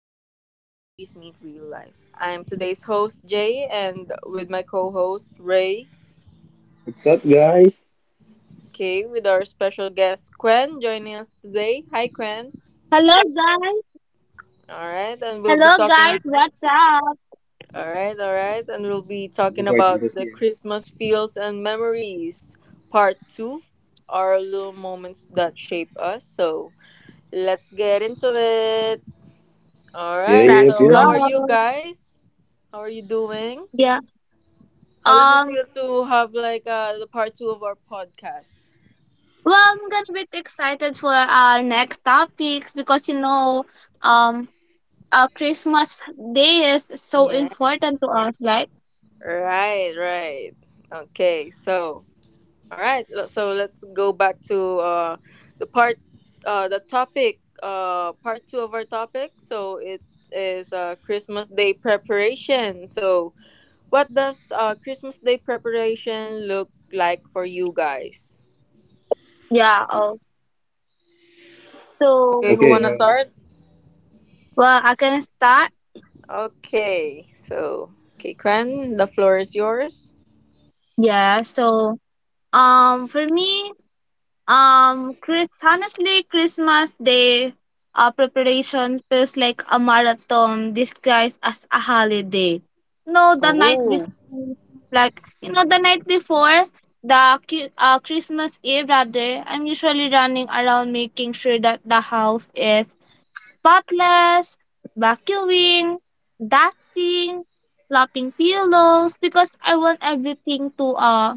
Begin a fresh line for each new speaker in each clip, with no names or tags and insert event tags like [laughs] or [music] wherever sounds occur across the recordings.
where real stories meet real life. I'm today's host, Jay, and with my co host, Ray.
What's up, guys?
Okay, with our special guest, Quen, joining us today. Hi, Quen.
Hello guys.
All right, and we'll be
Hello
talking.
guys. What's up?
All right, and we'll be talking
Just waiting
about
to
the
see.
Christmas feels and memories, part two, our little moments that shape us. So let's get into it. All
Yeah,
right.
yeah,
Let's
So,
go.
how are
yeah.
you guys? How are you doing?
Yeah.
How does it
Um.
feel to have like the part 2 of our podcast?
Well, I'm gonna be excited for our next topics because um, Christmas Day is so
Yeah.
important to us, right?
Right, right. Okay. So, all right. So, let's go back to the part the topic part 2 of our topic. So, it is Christmas Day preparation. So, what does Christmas Day preparation look like for you guys?
Yeah. Oh. So,
Okay, who
Okay.
want to
yeah.
start?
Well, I can start.
Okay, so Kikran, the floor is yours.
Yeah. So, for me, honestly, Christmas Day preparation feels like a marathon disguised as a holiday. No, the night
Oh,
before, like you know, the night before the Christmas Eve, rather, I'm usually running around making sure that the house is spotless, vacuuming, dusting, slapping pillows because I want everything to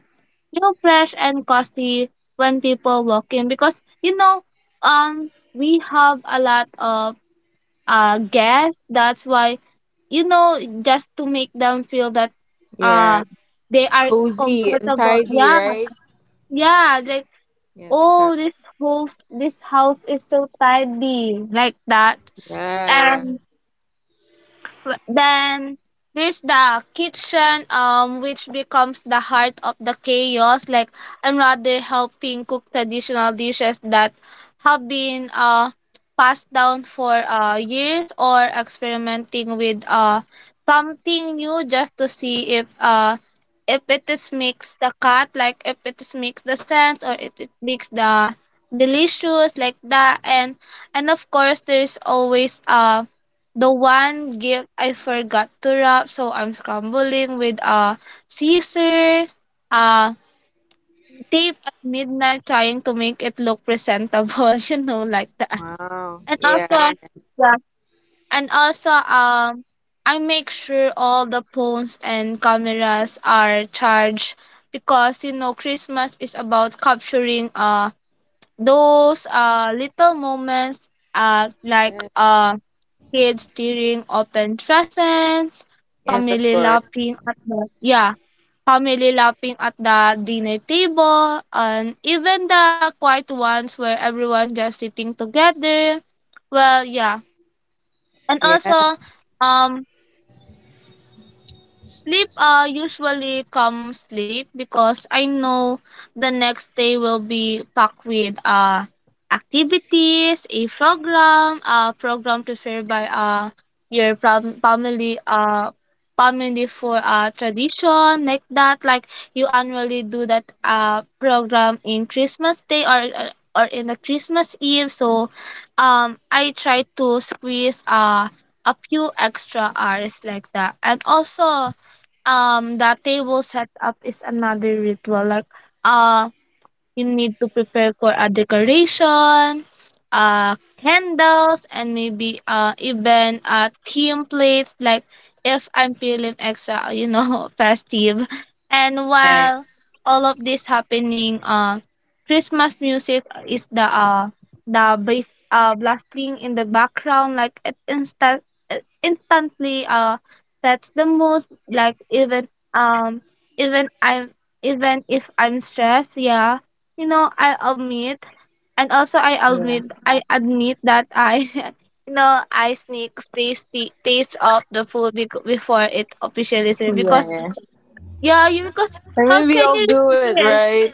feel fresh and cozy when people walk in, because we have a lot of guests, that's why, just to make them feel that
yeah,
uh they are
cozy and
comfortable.
tidy,
Yeah,
right?
yeah, like,
Yes,
oh,
exactly.
this house is so tidy, like that.
Yeah, yeah.
And then there's the kitchen, which becomes the heart of the chaos. Like, I'm rather helping cook traditional dishes that have been passed down for years, or experimenting with something new, just to see if it is makes the cut, like if it is makes the sense, or it makes the delicious, like that. And of course there's always the one gift I forgot to wrap, so I'm scrambling with a scissor, uh, tape at midnight trying to make it look presentable, [laughs] like that.
Wow.
And also,
Yeah.
yeah, and also, um, I make sure all the phones and cameras are charged, because Christmas is about capturing those little moments, like
yeah.
kids during open presents,
Yes, of
family
course.
laughing at the yeah, family laughing at the dinner table, and even the quiet ones where everyone just sitting together. Well, yeah, and
Yeah.
also, um sleep usually comes late because I know the next day will be packed with activities, a program preferred by your family, for a tradition, like that. Like, you annually do that program in Christmas Day, or in the Christmas Eve. So, I try to squeeze a few extra hours, like that. And also, the table setup is another ritual, like, uh you need to prepare for a decoration, candles, and maybe even a theme plate. Like, if I'm feeling extra, [laughs] festive. And
Yeah.
while all of this happening, Christmas music is the bass blasting in the background. Like, it instantly sets the mood. Like, um even I'm even if I'm stressed, yeah, I'll admit, and also
Yeah.
I admit that I, [laughs] I sneak taste of the food before it officially served, because,
Yeah.
yeah, you because
I
how
mean, we
can
all
you
do it,
resist?
right?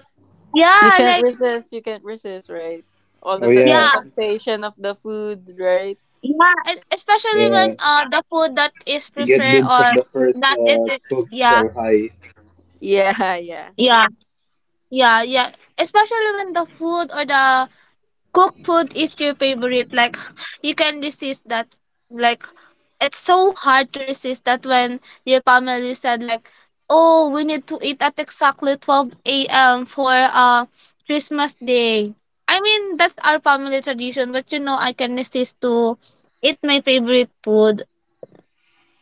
You
Yeah,
can't
like,
resist. You can't resist, right? All
Oh
the
yeah.
yeah,
temptation of the food, right?
yeah. Especially when
Yeah.
the food that is
You get
prepared,
dibs
or
of the first
that it it-
cooked
yeah,
Shanghai.
Yeah. [laughs] Yeah.
yeah, yeah, yeah. Especially when the food or the cooked food is your favorite, like, you can resist that, like, it's so hard to resist that when your family said like, oh, we need to eat at exactly 12 a.m for Christmas Day. I mean, that's our family tradition, but I can resist to eat my favorite food.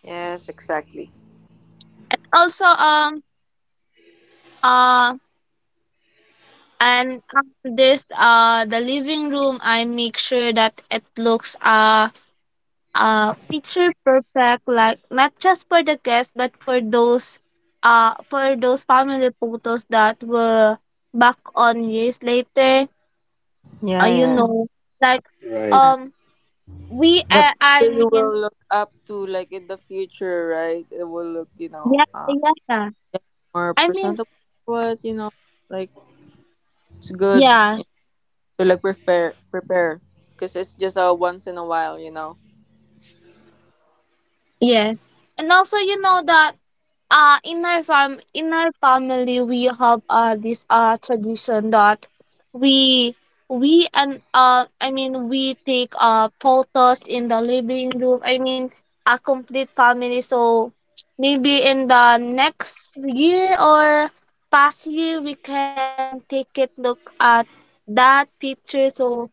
Yes, exactly.
And also, uh and after this, the living room, I make sure that it looks picture perfect, like, not just for the guests, but for those, family photos that were back on years later, uh,
Yeah.
you
Yeah.
know like,
Right.
yeah.
um we
The
I
people you
mean,
will look up to, like in the future, right? It will look, you
yeah,
know,
yeah,
yeah, more
I mean,
presentable. What you know, like it's good you know,
yes,
to like prepare, because it's just a once in a while, you know.
yes, and also you know that in our farm, in our family we have this tradition that we we and I mean we take photos in the living room. I mean, a complete family, so maybe in the next year or past year we can take it, look at that picture, so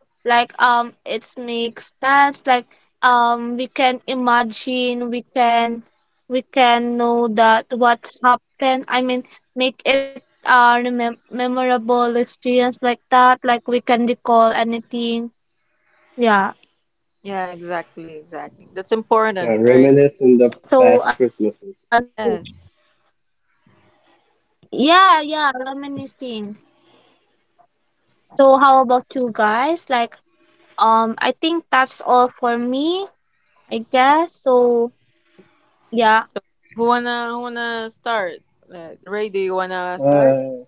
like, it makes sense, like, we can imagine, we can, we can know that what happened. I mean, make it a memorable experience, like that, like we can recall anything. Yeah.
Yeah, exactly, exactly. That's
Yeah.
important, right?
Reminisce on the past
So,
Christmases.
Yes.
yeah, yeah, reminiscing. So, how about you guys? Like, I think that's all for me, I guess. So,
So
yeah.
who wanna start? Ray, do you wanna start?
Uh.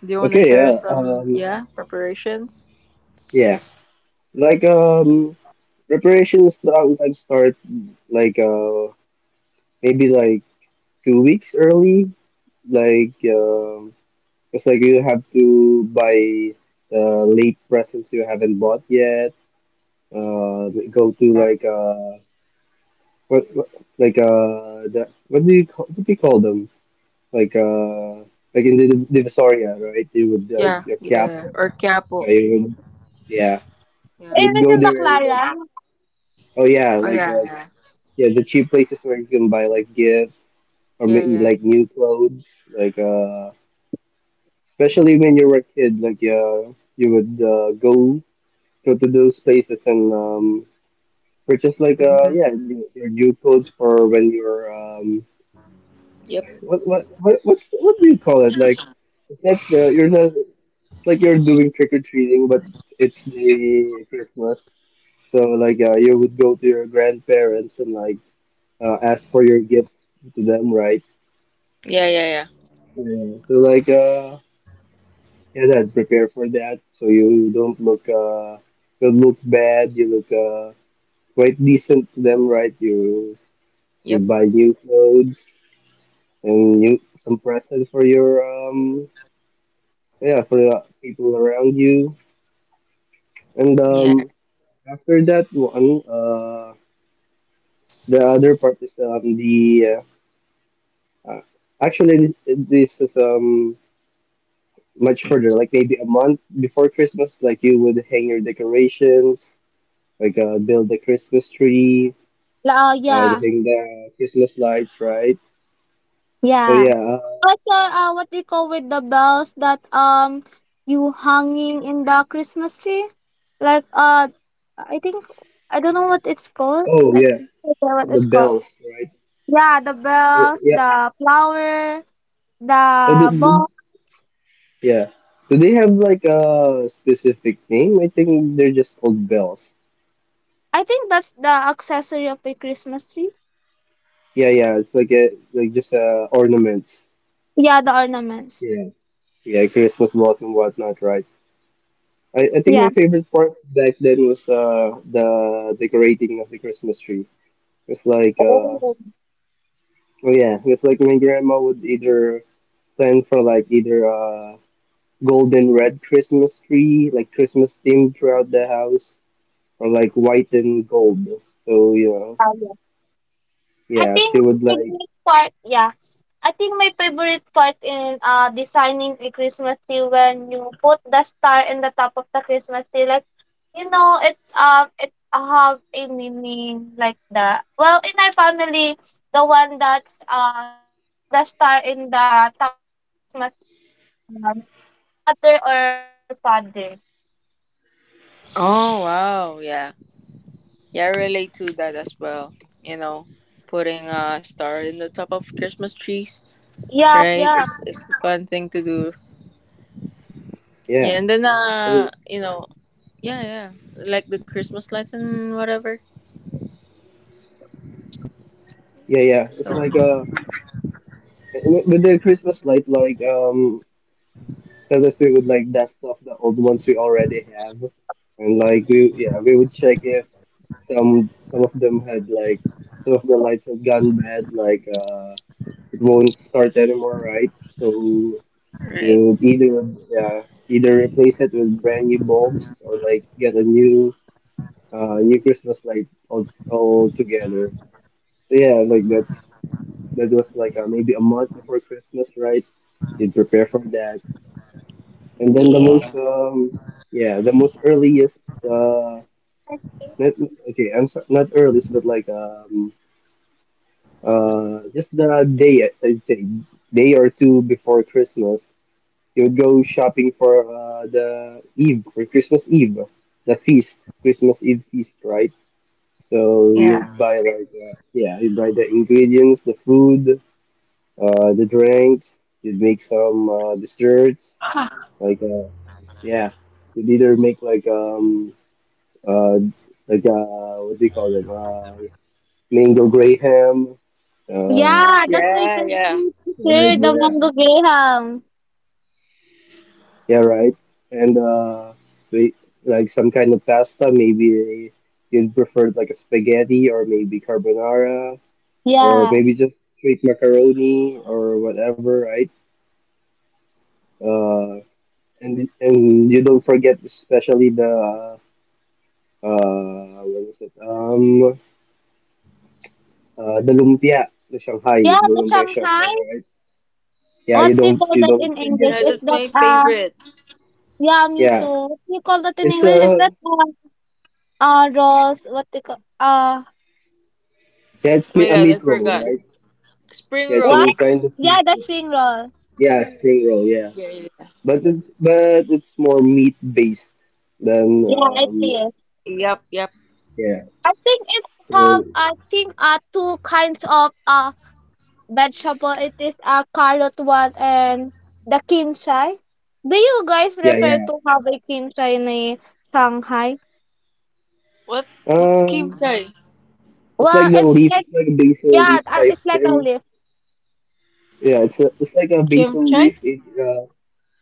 Do you wanna
Okay.
share
Yeah.
some yeah preparations?
Yeah. Like. Preparations start like maybe like 2 weeks early. Like. It's like you have to buy the late presents you haven't bought yet they go to
Yeah,
like what, like that, what do you call them, like uh like in the Divisoria, right? You would like
yeah,
a
yeah.
Quiapo,
Or
right?
capo.
You would, yeah, you
Yeah.
would go there and like,
Remember Clara?
oh yeah,
Oh
like
yeah, yeah,
yeah, the cheap places where you can buy like gifts or make
yeah, yeah.
like new clothes, like especially when you were a kid, like you would go to those places, and which is like
Mhm.
yeah, your new clothes for when you're
Yep.
what what's what do you call it, like, it's not the, you're not, it's like you're doing trick or treating but it's the Christmas. So like, you would go to your grandparents and like, ask for your gifts to them, right?
Yeah, yeah, yeah.
Yeah. So like yeah, that, prepare for that, so you don't look bad, you look quite decent to them, right? You
Yep.
buy new clothes and you some presents for your yeah, for the people around you. And
Yeah.
after that one the other part is the uh, uh, actually this is much further, like maybe a month before Christmas. Like, you would hang your decorations, like build the Christmas tree uh the
Yeah,
hang the Christmas lights, right? So
yeah.
yeah.
Also, what do you call with the bells that you hanging in the Christmas tree? Like, I think I don't know what it's called.
Oh
Like,
yeah,
I forget what
the
it's called.
bells, right?
Yeah, the
Yeah,
bells,
yeah.
the flower, the
So the...
box.
Yeah. Do they have like a specific name? I think they're just called bells.
I think that's the accessory of a Christmas tree.
Yeah, yeah. It's like a, like just ornaments.
Yeah, the ornaments.
Yeah, yeah, Christmas balls and whatnot, right? I think
Yeah.
my favorite part back then was the decorating of the Christmas tree. It's like oh
Oh,
yeah, it's like my grandma would either plan for like either a golden red Christmas tree, like Christmas theme throughout the house, or like white and gold. So you know.
yeah, I
Yeah,
think
she
my
would like,
favorite part yeah. I think my favorite part in, designing a Christmas tree, when you put the star in the top of the Christmas tree, like, it have a meaning, like that. Well, in our family, the one that's, put the star in the top of the Christmas tree will be, our mother or our father.
Oh wow. Yeah. Yeah, I relate to that as well. You know, putting a star in the top of Christmas trees,
Yeah,
right?
yeah.
It's a fun thing to do.
yeah.
Yeah, and then
So
you know, yeah, yeah, like the Christmas lights and whatever.
yeah, yeah.
So,
It's like with the Christmas light, like sometimes we would like dust off the old ones we already have. And like we, yeah, we would check if some of them had like, some of the lights had gone bad, like it won't start anymore, right? So you
right.
would either, yeah, either replace it with brand new bulbs or like get a new new Christmas light all together. So yeah, like that. That was like, maybe a month before Christmas, right? You'd prepare for that, and then the most
Yeah.
yeah, the most earliest uh not, okay I'm sorry, not earliest, but like just the day, I'd say day or two before Christmas, you would go shopping for the Eve, for Christmas Eve, the feast, Christmas Eve feast, right? So
Yeah.
you'd buy like yeah, you buy the ingredients, the food, the drinks. You'd make some desserts, like yeah. You'd either make uh like what do you call them mango graham uh
Yeah, that's my
Yeah, yeah.
favorite
right,
dessert, the
yeah,
mango graham.
yeah, right, and sweet, like some kind of pasta, maybe. You'd prefer like a spaghetti, or maybe carbonara, or
Yeah.
maybe just straight macaroni or whatever, right? uh. And you don't forget, especially the what is it , the lumpia, the Shanghai,
Yeah,
the
the
lumpia
Shanghai.
Shanghai, right? Yeah, you
What do you
don't,
call
you
that
don't
in
forget
English?
Yeah,
Is
that.
that's
that
my favorite.
yeah, me too.
Yeah,
What do you call that in
it's
English? Is
a,
that, rolls? What do you call,
yeah, it's
Oh
me-
my
a
god,
meat
I
roll,
forgot.
right?
Spring
Yeah, it's a
what?
kind
rolls.
of
Yeah,
meat
the
roll.
spring roll.
Yeah, spring roll, yeah.
Yeah, yeah. yeah.
But it, but it's more meat based than
Yeah, it is.
Yep, yep.
yeah,
I think
so
two kinds of vegetable. It is a carrot one and the kimchi. Do you guys
yeah,
prefer
yeah
to have a kimchi in a Shanghai?
What what's
um
kimchi?
it's
Well,
like the
it's
leaf,
like
it's like a basil
yeah,
leaf type
it's like a
thing.
leaf.
Yeah, it's a, it's like a basil
Kimchi?
leaf. It,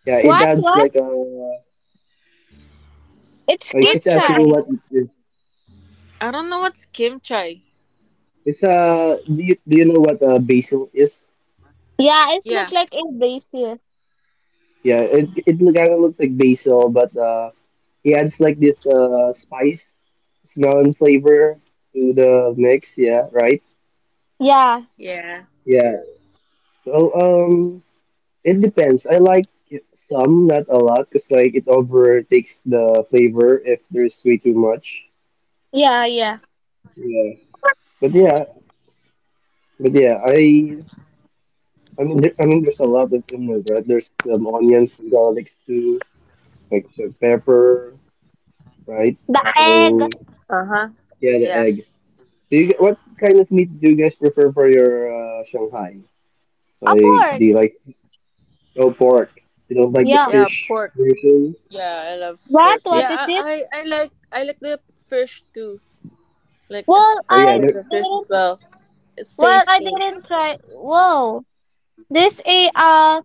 yeah, it adds
What?
like a.
It's
Like,
What?
she's
What?
asking me
kimchi.
what it is.
I don't know what's kimchi.
It's a. Do you know what basil is?
Yeah, it
Yeah.
look like a bracelet.
Yeah, it kind of looks like basil, but he adds like this spice, smell and flavor to the mix. Yeah, right.
Yeah,
Yeah.
Yeah. So, it depends. I like some, not a lot, 'cause like it overtakes the flavor if there's way too much.
yeah, yeah.
Yeah. But yeah, but yeah, I mean, there, I mean, there's a lot of ingredients, right? There's onions, garlic too, like so pepper, right?
The egg.
So
Uh huh. Yeah.
yeah, the egg. Do you, what kind of meat do you guys prefer for your Shanghai?
A
Like, do
pork.
you like no pork? You don't like the
Yeah.
Yeah.
fish
Pork.
version?
Yeah, I love
What?
pork.
You,
What
Yeah,
is it?
I like I like the fish too. Like as
Well,
oh yeah,
I
yeah,
there,
the fish
didn't.
as well. It's
Well, I
tasty.
didn't try. Whoa. This a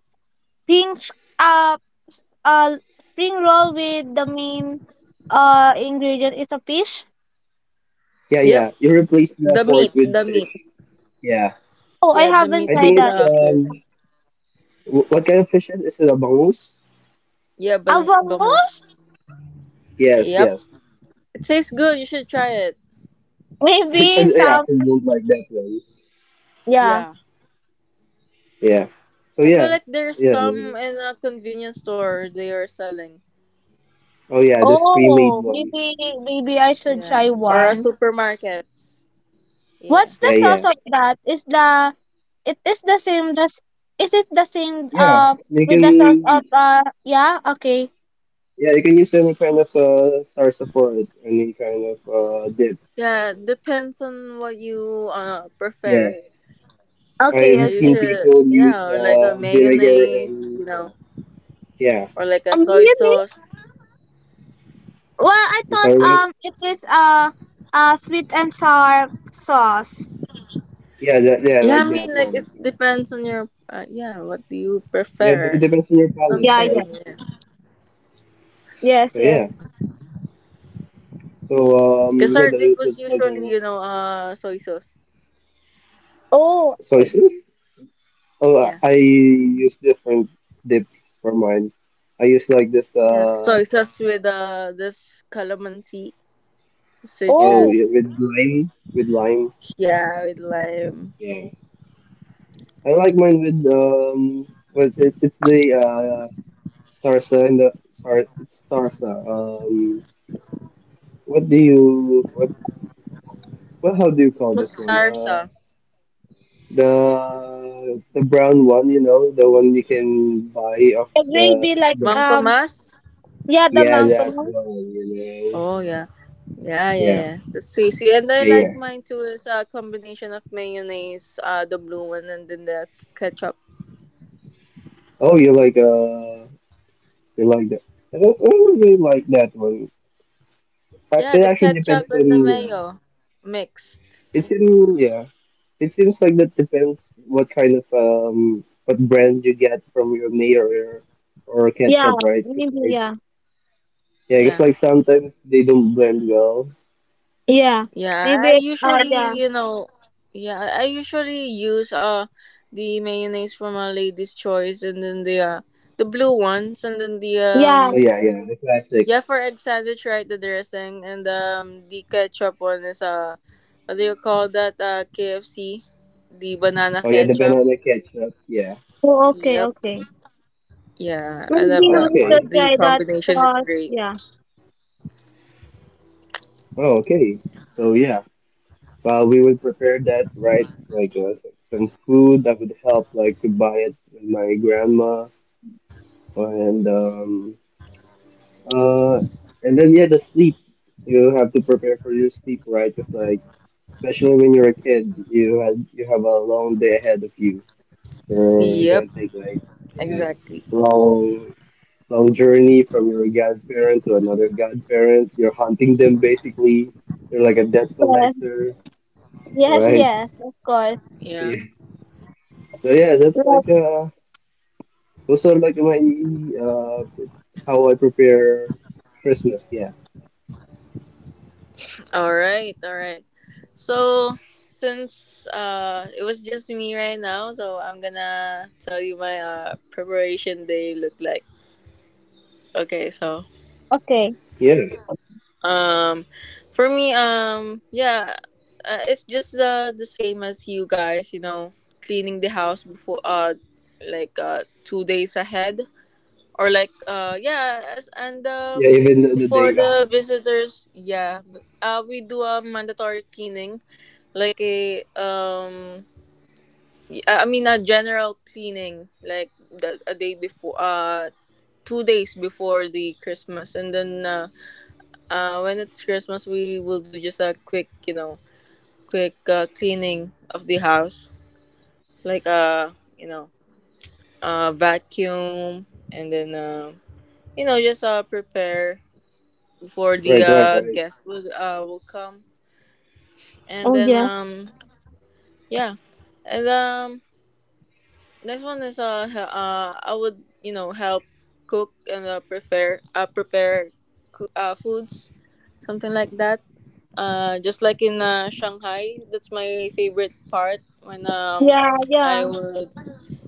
pink uh s- uh spring roll, with the main ingredient is a fish.
yeah,
Yep.
yeah. You replace the
The
pork
meat.
with
The
fish.
meat.
Yeah,
Oh, I
Yeah, the
haven't
meat
I
tried
think
is
it's
that.
fish.
what kind of fish is it? Is it a bangus?
Yeah, bangus.
Avamos?
Yes,
Yep.
yes.
It tastes good. You should try it.
[laughs] I,
Maybe
yeah, I
some.
actually don't like that one.
Yeah.
Yeah.
Yeah. So
I
yeah.
feel like there's
Yeah.
some in a convenience store they are selling.
Oh yeah, there's pre-made
Oh,
ones.
maybe I should
Yeah.
try
Or a
one.
supermarket. Yeah.
What's the
Yeah,
sauce
yeah,
of that? Is the it is the same as, is it the same
yeah. You
with the sauce of,
can,
yeah, okay,
yeah, you can use any kind of salsa for it, any kind of dip.
Yeah, depends on what you
Yeah,
prefer.
okay,
Yeah,
I've
you
okay.
seen
should
people use
yeah, or like a
vinegar,
mayonnaise,
and
you
yeah,
know,
yeah.
or like a soy
Really?
sauce.
Well, I
I'm
thought,
sorry, right?
it is sweet and sour sauce.
Yeah, that, yeah,
Yeah,
like
I mean
that
like it
one.
depends on your yeah, what do you
Yeah, it
prefer?
depends on your palate,
Yeah,
Something,
yeah.
right?
yeah.
Yes,
So yeah,
yes.
so
Cause
yeah,
our dip
that,
was
that's my
usually,
kind.
you know, soy sauce.
Oh,
So is, oh, I
Yeah.
I use different dips for mine. I use like this.
Yeah, soy sauce with this calamansi,
Oh,
oh,
yeah,
citrus.
with lime, with lime.
Yeah, with lime.
I like mine with it, it's the sarsa, and the sar, it's sarsa. What do you, what, how do you call this
What's
one?
sarsa?
The brown one, you know, the one you can buy off
the
the
gravy, like,
Mang
the
Tomas?
yeah, the
yeah,
mango.
that one, you know,
Oh yeah, yeah, yeah.
yeah,
yeah. That's tasty, and I
yeah,
like
yeah.
mine too. Is a combination of mayonnaise, the blue one, and then the ketchup.
Oh, you like that? I don't really like that one.
Yeah,
It
the
actually depends
ketchup and the
on, yeah.
mayo mixed.
It's in, yeah. It seems like that depends what kind of what brand you get from your mayo, or
Yeah,
ketchup, right? 'Cause
maybe,
like,
yeah,
yeah, because
Yeah,
like sometimes they don't blend well.
yeah,
yeah.
maybe
I
it's,
usually,
yeah,
you know, I usually use the mayonnaise from a lady's choice, and then the blue ones, and then the
yeah.
Oh yeah, yeah, the classic.
Yeah, for egg sandwich, right? The dressing and the ketchup one is what do you call that? KFC, the banana
Oh yeah, the
ketchup.
banana ketchup. Yeah.
Oh, okay,
Yep.
okay.
Yeah,
Maybe
I love
Oh
that
we
okay.
one.
should
The
try that
combination is
sauce.
great.
Yeah.
Oh okay. So yeah, we would prepare that right, like some food that would help like to buy it with my grandma, and um uh and then yeah, the sleep, you have to prepare for your sleep, right, just like. Especially when you're a kid, you had, you have a long day ahead of you. You're gonna
Yep,
take like, yeah,
exactly.
long, long journey from your godparent to another godparent. You're hunting them, basically. You're like a debt
Yes.
collector,
Yes,
right?
yes,
[laughs]
of course.
Yeah.
Yeah. So yeah, that's
Like,
like those are like my uh, pre- how I prepare Christmas. Yeah,
All right, all right. So since it was just me right now, so I'm gonna tell you my preparation day look like. Okay, so
okay.
yeah,
Um, for me, yeah, it's just the same as you guys. You know, cleaning the house before like 2 days ahead or like yeah, as and
yeah. Even the
before
day off.
the visitors, yeah, we do a mandatory cleaning, like a I mean a general cleaning, like the a day before 2 days before the Christmas, and then. When it's Christmas, we will do just a quick, you know, quick cleaning of the house, like you know, vacuum, and then you know, just prepare before the
Right, right, right.
guests will come, and
Oh,
then
yeah.
yeah, and next one is I would you know help cook and prepare prepare foods, something like that. Just like in Shanghai, that's my favorite part when
Yeah,
I
yeah.
would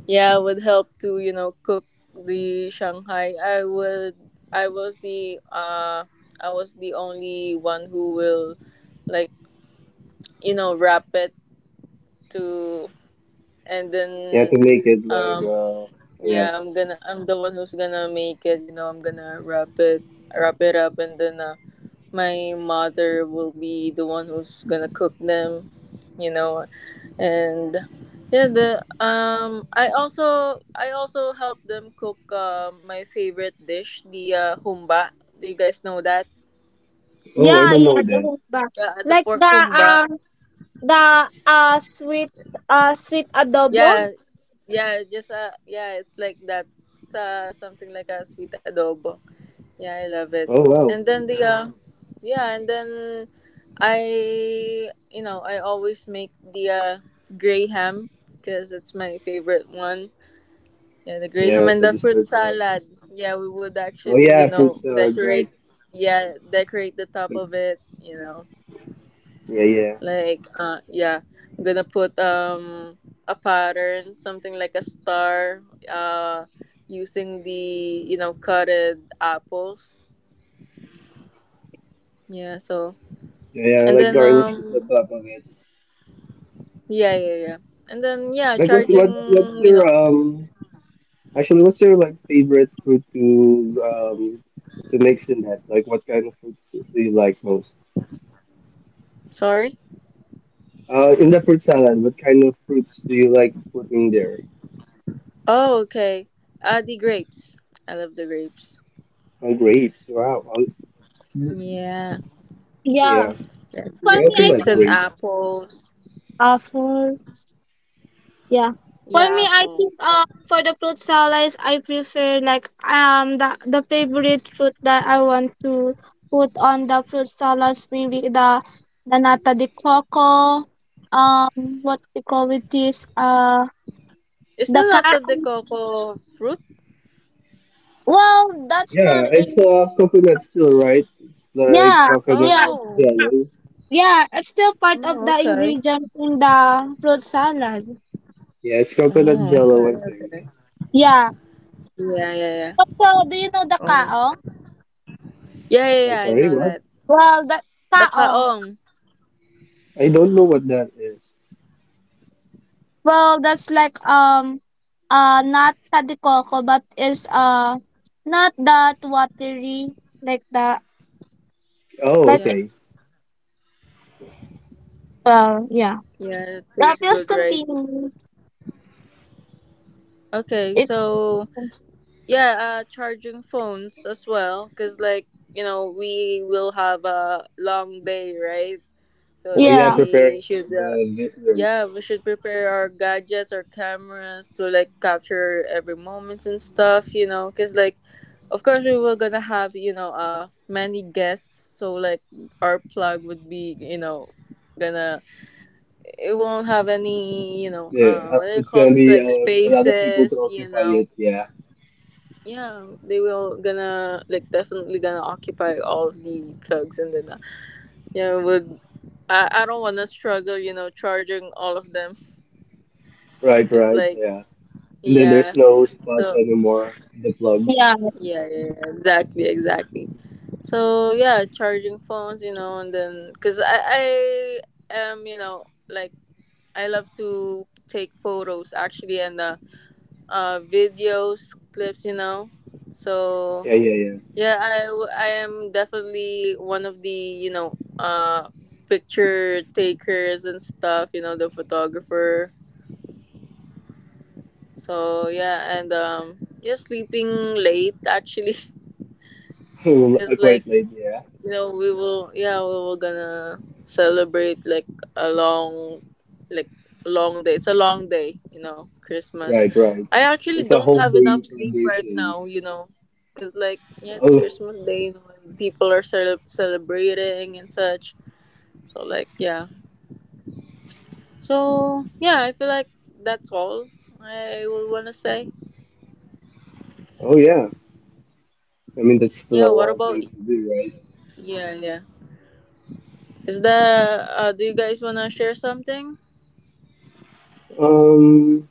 yeah I would help to you know cook the Shanghai. I would I was the uh I was the only one who will like you know wrap it to and then
You have to make it like
um
yeah.
yeah, I'm gonna. I'm the one who's gonna make it. You know, I'm gonna wrap it up, and then my mother will be the one who's gonna cook them. You know, and yeah, the I also help them cook my favorite dish, the humba. Do you guys know that?
Oh, I
Yeah,
don't know
yeah, the
that.
whole bag.
Yeah, the
Like
pork
the
humba.
um the uh sweet sweet adobo.
Yeah, yeah, just yeah, it's like that. It's something like a sweet adobo. Yeah, I love it.
Oh wow.
And then the yeah, and then I you know I always make the gray ham because it's my favorite one. Yeah, the gray
Yeah,
ham and
so
the
this
fruit
fruit rice.
salad. Yeah, we would
Oh
actually you
yeah, fruit
know
salad, right?
decorate. Yeah, decorate the top
Like,
of it. You know,
yeah, yeah,
like yeah, I'm gonna put a pattern, something like a star. Uh, using the you know cutted apples. Yeah, so
yeah, yeah.
And
Like
then
garnish it on top of it.
yeah, yeah, yeah. And then yeah,
Like, what's
charging,
what's what's
you
your?
know.
Actually, what's your like favorite fruit to mix in that? Like, what kind of fruits do you like most?
Sorry?
In the fruit salad, what kind of fruits do you like putting there?
Oh, okay. The grapes. I love the grapes.
Oh, grapes. Wow. Oh,
Yeah.
Yeah.
yeah,
yeah.
For
I
me,
also
I
Grapes
like
think
and
grapes.
apples.
awful. Yeah. For
Yeah,
me, I
apple.
think, for the fruit salads, I prefer, like, the favorite fruit that I want to put on the fruit salads, maybe the, nata de coco, um what they call it is,
Isn't
the
that not
car.
the de coco fruit?
Well, that's
Yeah,
not a,
it's coconut still, right? It's like
yeah,
coconut
yeah,
Oh.
jello.
yeah. It's still part of
Oh,
the
okay.
ingredients in the fruit salad.
Yeah, it's coconut
Oh, okay,
jello, I think.
okay.
Yeah.
Yeah, yeah, yeah.
So, do you know the
Oh.
kaong?
Yeah, yeah,
I'm
yeah, I
sorry,
know
what?
that.
Well, the
The
kaong.
kaong.
I don't know what that is.
Well, that's like, not Tadi Coco, but is not that watery, like that.
Oh,
Like,
Yeah.
okay.
well, yeah.
Yeah, it tastes
Please
good, right?
continue.
Okay,
If,
so Yeah, charging phones as well, cause like you know we will have a long day, right? So
Oh,
like
yeah,
yeah.
preparing
we
for
should,
the listeners.
yeah, we should prepare our gadgets, our cameras to like capture every moment and stuff, you know, cause like, of course we were gonna have you know many guests, so like our plug would be you know gonna it won't have any you know
Yeah,
what do you
it's
call
gonna
this
be
like
a lot of people to
spaces, you
occupy
know
it. Yeah,
yeah, they will gonna like definitely gonna occupy all of the plugs and then yeah would I don't wanna struggle you know charging all of them
right,
because
right.
like
Yeah, and then there's
yeah
no spot
so
anymore. The plugs.
Yeah.
yeah, yeah yeah exactly exactly so yeah charging phones you know and then because I am you know like I love to take photos actually and videos clips you know so
Yeah, yeah,
Yeah, I am definitely one of the, you know, picture takers and stuff, you know, the photographer. So, yeah, and yeah, sleeping late actually, [laughs]
yeah.
because
[laughs] Quite
like
late. Yeah,
you know we will yeah we were gonna celebrate like a long like long day it's a long day you know christmas
right, right.
I actually
It's a
don't
whole
have
day
enough sleep right
celebration.
now you know because like yeah it's
Oh,
christmas day you know and people are celebrating and such so like yeah so yeah I feel like that's all I would want to say
oh yeah. I mean, that's
yeah
still a
what
lot of
about
things to do, right?
yeah yeah is that do you guys want to share something
Um,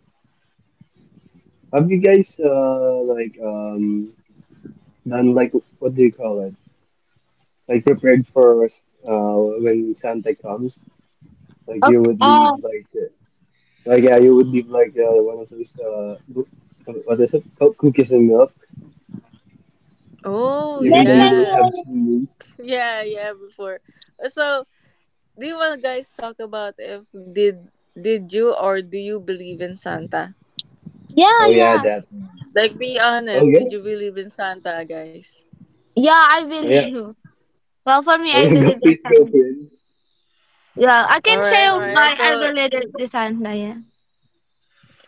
have you guys like done like, what do you call it? Like, prepared for when Santa comes. Like you
Okay.
would leave like like, yeah, you would leave like one of those what is it called, cookies and milk,
oh
even
Then
though you
can
don't
yeah
have
you,
chili.
Yeah, yeah, before. So, do you want guys talk about if did you or do you believe in Santa?
yeah,
Oh yeah,
yeah.
that one.
Like, be
Oh
honest.
yeah,
Did you believe in Santa, guys?
Yeah, I
oh yeah,
believe. [laughs] Well, for me
oh
I
yeah. [laughs] Go,
believe the
please go,
sun.
Quinn.
Yeah. I
All
can
right, all
share
right.
why I
So,
believe the sun, yeah.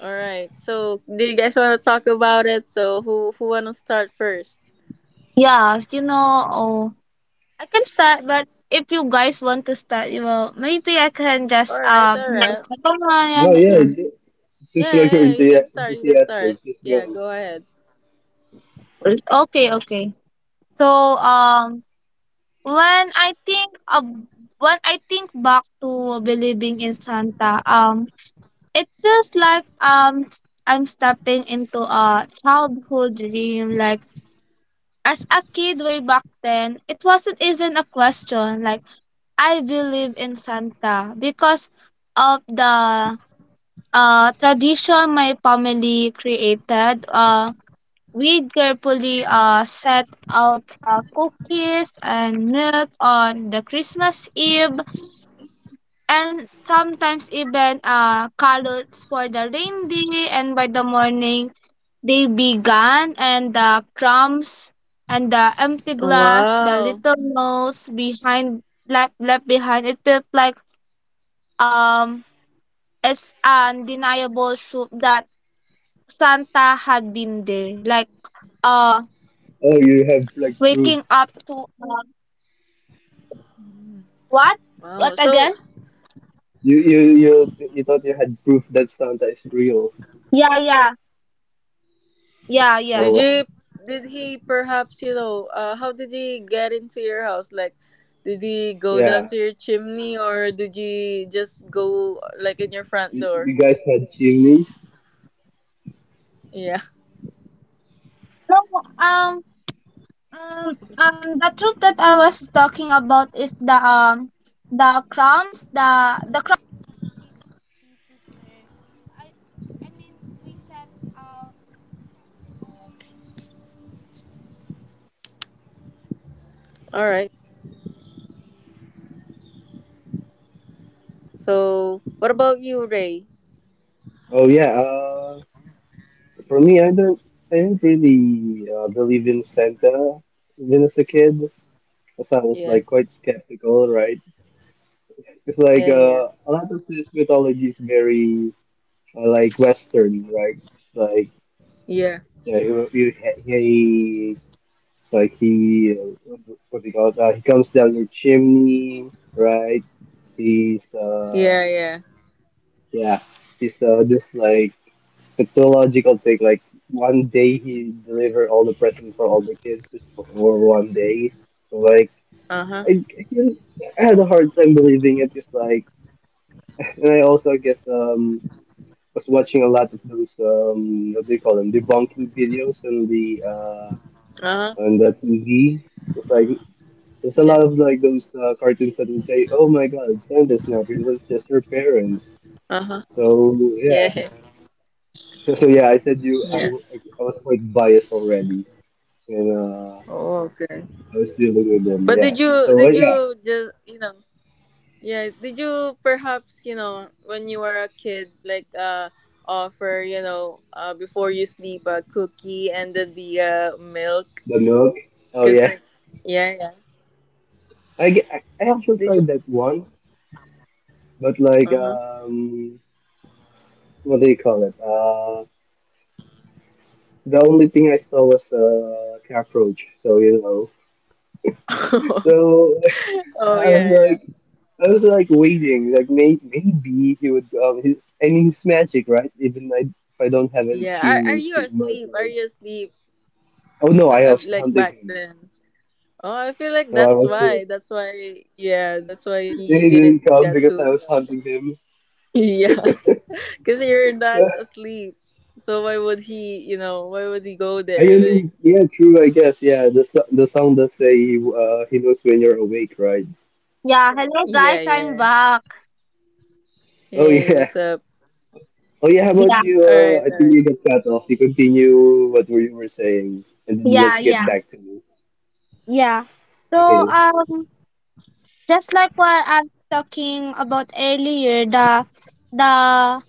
all right. So, do you guys want to talk about it? So, who want to start first?
Yeah, oh, I can start, but if you guys want to start, you well, maybe I can
All
just
right,
be
all
the
right.
second one.
Oh
And,
yeah,
yeah.
just
Yeah,
like you're
yeah. yeah, You can
enthusi-
start. You can start.
enthusiastic, just
Yeah,
go.
go ahead.
Okay, okay. So, um, when I think of when I think back to believing in Santa, it feels like, I'm stepping into a childhood dream. Like, as a kid way back then, it wasn't even a question. Like, I believe in Santa because of the, tradition my family created. We carefully, set out, cookies and milk on the Christmas Eve, and sometimes even, carrots for the reindeer. And by the morning, they began, and the crumbs and the empty glass, the
Wow.
little notes behind left behind. It felt like, um it's undeniable soup that Santa had been there. Like, uh,
Oh, you have like
waking
proofs.
up to,
Mm,
what? What
wow. So,
again?
You thought you had proof that Santa is real.
Yeah, yeah, yeah, yeah.
Oh
Did
wow.
you did he perhaps, you know, how did he get into your house? Like did he go down
Yeah.
to your chimney or did you just go like in your front
You,
door?
you guys had chimneys?
Yeah.
No, um, the troop that I was talking about is the crumbs, the
[laughs] All right. So, what about you, Ray?
Oh yeah, for me, I don't, I didn't really believe in Santa even as a kid, because I was
Yeah.
like quite skeptical, right? It's like
Yeah, yeah.
a lot of this mythology is very like Western, right? It's like,
Yeah.
yeah, he like he uh, what do you call it? He comes down your chimney, right? He's
Yeah, yeah. yeah.
Yeah, he's just like technological thing. Like one day he deliver all the presents for all the kids just for one day. So, like
Uh-huh.
I, couldn't- I had a hard time believing it. Just like, and I also I guess was watching a lot of those what do you call them debunking videos on the uh
Uh-huh.
on the TV. It's like there's a
Yeah.
lot of like those cartoons that would say, "Oh my God, Santa's not real. It's just your parents."
Uh-huh.
So yeah.
Yeah. [laughs]
[laughs] So yeah, I said you.
Yeah.
I was quite biased already, when
Oh, okay.
I was dealing with them.
But
Yeah. So
did
yeah,
you just, you know, Yeah. Did you perhaps, you know, when you were a kid, like offer, you know, before you sleep a cookie and then the milk?
the milk. Oh
Cause
yeah,
like yeah, yeah.
I, ge- I actually
Did you
tried that once, but like
uh-huh.
what do you call it? The only thing I saw was a cockroach. So, so
[laughs]
[laughs]
oh
I was
yeah, yeah.
like. I was like waiting, like maybe he would. I mean, he's magic, right? If I don't have any
Yeah. Are
chimneys,
you
he might
asleep? Are
like.
you asleep?
Oh no, I was
Like
hunting
back
him.
then. Oh, I feel like
No, I
that's why.
was.
That's why yeah, that's why
He
he didn't
didn't come
get to,
because I
you
was
know. [laughs]
hunting him.
Yeah. Cause you're not
[laughs]
asleep. So why would he, you know, why would he go
I
there? Like
mean, yeah, true. I guess. Yeah, the song does say he knows when you're awake, right?
Yeah, hello
Yeah,
guys, I'm
yeah.
back.
Oh
Hey,
yeah.
what's up?
Oh yeah. How about
Yeah,
you?
All right,
I
all
think
right.
you got cut off. You continue what were you were saying, and then
yeah,
let's get
yeah,
back to me.
yeah. So,
Okay.
just like what I'm talking about earlier, the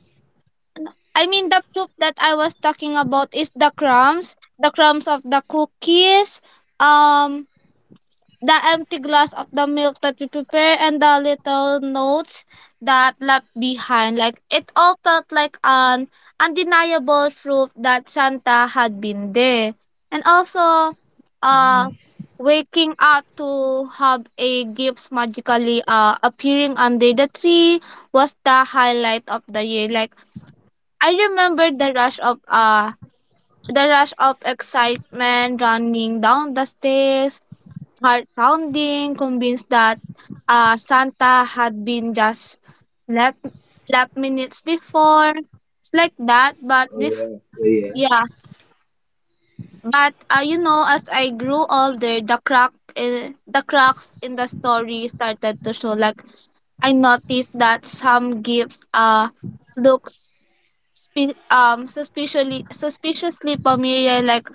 I mean the proof that I was talking about is the crumbs, of the cookies. Um, the empty glass of the milk that we prepare and the little notes that left behind, like it all felt like an undeniable proof that Santa had been there. And also uh
Mm-hmm.
waking up to have a gift magically appearing under the tree was the highlight of the year. Like I remember the rush of excitement running down the stairs, heart pounding, convinced that Santa had been just left left minutes before. It's like that, but
Oh yeah. Yeah, yeah,
yeah, but as I grew older, the cracks in the story started to show. Like I noticed that some gifts looks suspiciously familiar, like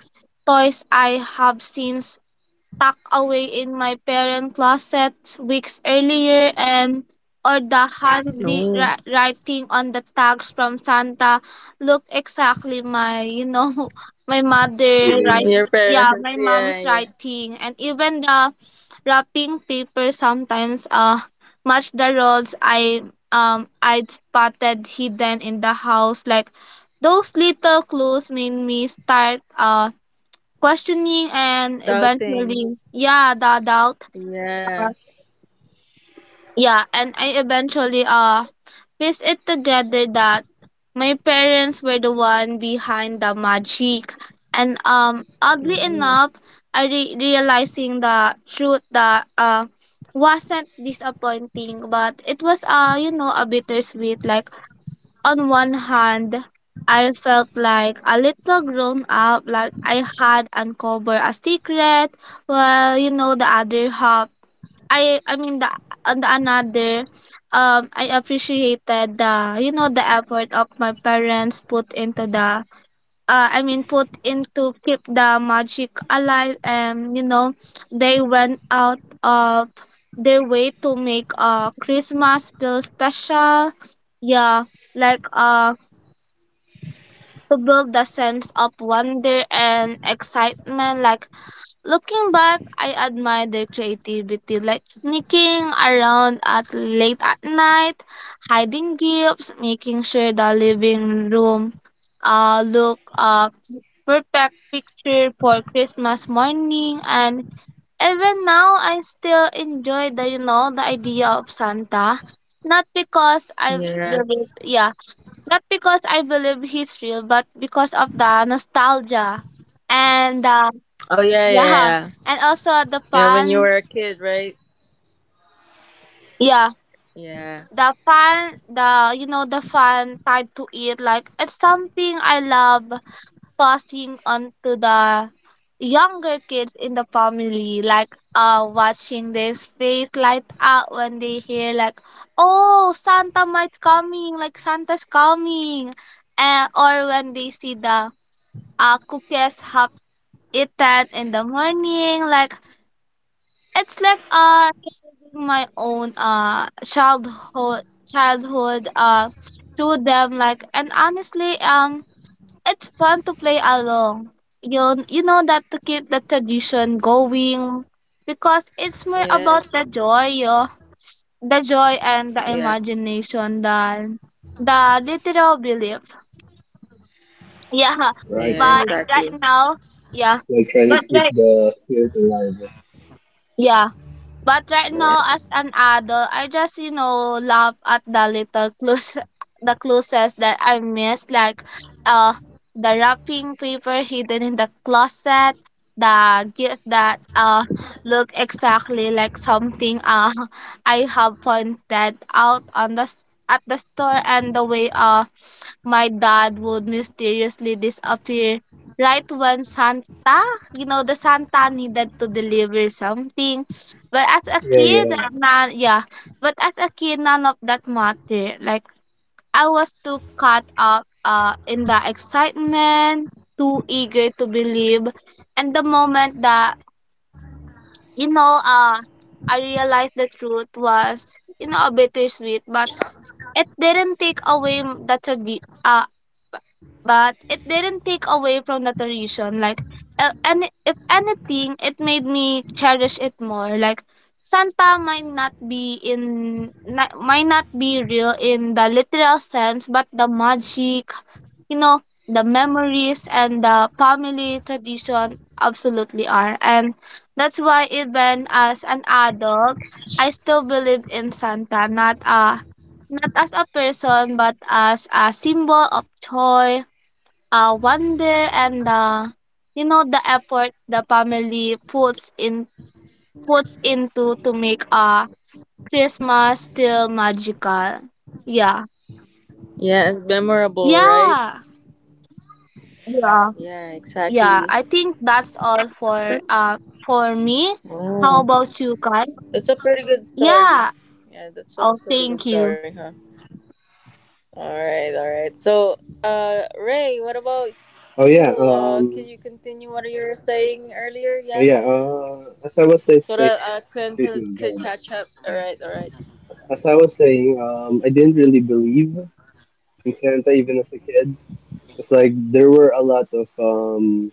toys I have since tucked away in my parents' closet weeks earlier, and or the
Oh,
handwriting on the tags from Santa look exactly my [laughs] my
yeah,
mother,
yeah.
right?
your
Yeah, my
parents. Yeah,
mom's
yeah.
writing. And even the wrapping paper sometimes match the rolls I'd spotted hidden in the house. Like those little clues made me start questioning, and
Doubting.
eventually, yeah, the doubt uh,
Yeah.
yeah, and I eventually piece it together that my parents were the one behind the magic. And oddly
Mm-hmm.
enough, realizing the truth that wasn't disappointing, but it was a bittersweet. Like, on one hand, I felt like a little grown up, like I had uncovered a secret. Well, the other half, I mean, the on the another, I appreciated the, the effort of my parents put into I mean, put into keep the magic alive. And, they went out of their way to make Christmas feel special. Yeah, like to build the sense of wonder and excitement. Like looking back, I admire their creativity, like sneaking around at late at night, hiding gifts, making sure the living room look perfect picture for Christmas morning. And even now I still enjoy the you know the idea of Santa. Not because I
Yeah.
believe. Yeah. Not because I believe he's real, but because of the nostalgia and
Oh,
[laughs]
yeah, yeah,
yeah,
yeah.
and also the
Yeah, when you
fun.
were a kid, right?
Yeah,
Yeah.
the fun, the you know the fun tied to it. Like it's something I love passing on to the younger kids in the family. Like, watching their face light up when they hear, like, "Oh, Santa might coming!" Like, Santa's coming, and or when they see the our cookies have eaten in the morning. Like it's like reliving my own childhood childhood through them. Like, and honestly, it's fun to play along. You know that, to keep the tradition going, because it's more about
Yes.
the joy and the
Yeah.
imagination than the literal belief. [laughs] Yeah,
Right,
Yeah,
but
right.
right
exactly.
now, yeah,
Like trying
but
to keep
right,
the spirit alive.
yeah. But right now, as
Yes.
an adult, I just laugh at the little clues, [laughs] the clues that I missed, like uh the wrapping paper hidden in the closet, the gift that look exactly like something [laughs] I have pointed out on at the store, and the way my dad would mysteriously disappear right when Santa, you know, the Santa needed to deliver something. But as a
Yeah, yeah.
kid, na yeah. But as a kid, none of that matter. Like I was too caught up in the excitement, too eager to believe, and the moment that you know uh I realized the truth was a bittersweet, but it didn't take away b- but it didn't take away from the tradition. Like, and if anything, it made me cherish it more. Like, Santa might not be might not be real in the literal sense, but the magic, you know the memories and the family tradition absolutely are. And that's why even as an adult, I still believe in Santa, not as a person but as a symbol of joy, wonder, and the effort the family puts in, puts into to make Christmas feel magical. Yeah,
Yeah, and memorable,
yeah,
right?
yeah.
Yeah,
Yeah, I think
exactly.
that's all for uh
That's
me. How about
oh,
you, Carl?
that's a pretty good
Yeah.
story.
Oh,
Yeah, that's a
thank
pretty
you.
good story, huh? All right, all right. So, Ray, what
Oh
about you?
yeah.
Can you continue what you were saying earlier?
Oh yeah.
Yeah,
As I was say,
so
say
that Quinn
excuse
could,
me, God.
catch up. All right, all right.
As I was saying, I didn't really believe in Santa even as a kid. It's like there were a lot of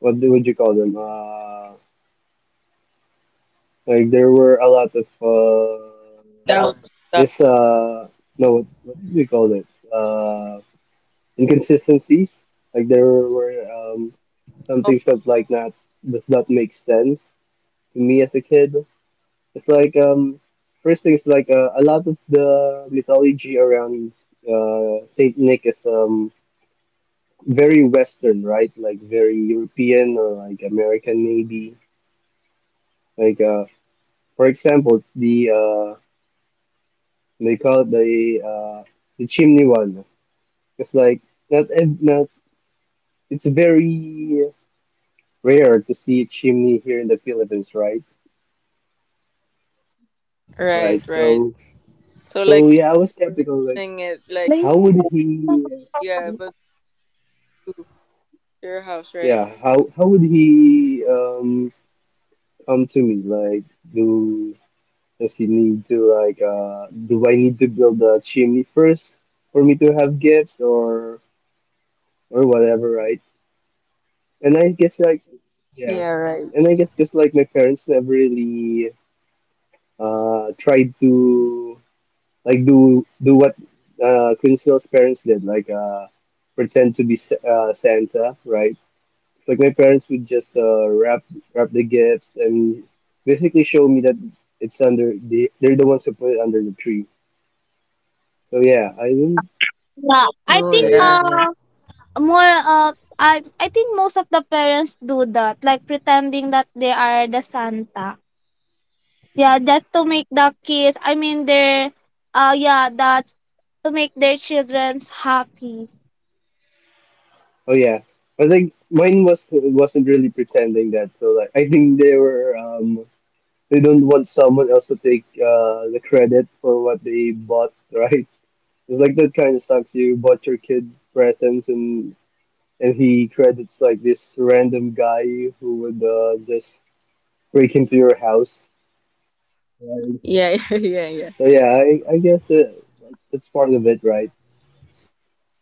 would you call them? Like there were a lot of
Take that out. That
mis no, what do we call it? Inconsistencies. Like there were
was
some
down.
things that like not does not make sense to me as a kid. It's like first thing is like a lot of the mythology around Saint Nick is very Western, right? Like very European or like American maybe. Like for example, it's the they call it the chimney one. It's like not ev- not It's very rare to see a chimney here in the Philippines, right? Right.
Right, right.
So
So, like,
so yeah, I was skeptical. Like,
you're saying it, like,
how would he?
yeah, but to your house, right?
Yeah, how would he come to me? Like, do does he need to like do I need to build a chimney first for me to have gifts or whatever, right? And I guess like yeah,
Yeah, right.
and I guess just like my parents never really tried to like do what Quincy's parents did, like pretend to be Santa, right? Like my parents would just wrap the gifts and basically show me that it's under they're the ones who put it under the tree. So yeah, I didn't.
Yeah, I
Oh,
think
Yeah, yeah.
yeah, yeah,
more I think most of the parents do that, like pretending that they are the Santa. Yeah, just to make the kids. I mean, their yeah, that to make their childrens happy.
Oh yeah, but like mine wasn't really pretending that. So like I think they don't want someone else to take the credit for what they bought, [laughs] right? It's like that kind of sucks. You bought your kid presents and he credits like this random guy who would just break into your house. Right.
yeah, [laughs] yeah, yeah. yeah.
So yeah, I guess it like it's part of it, right?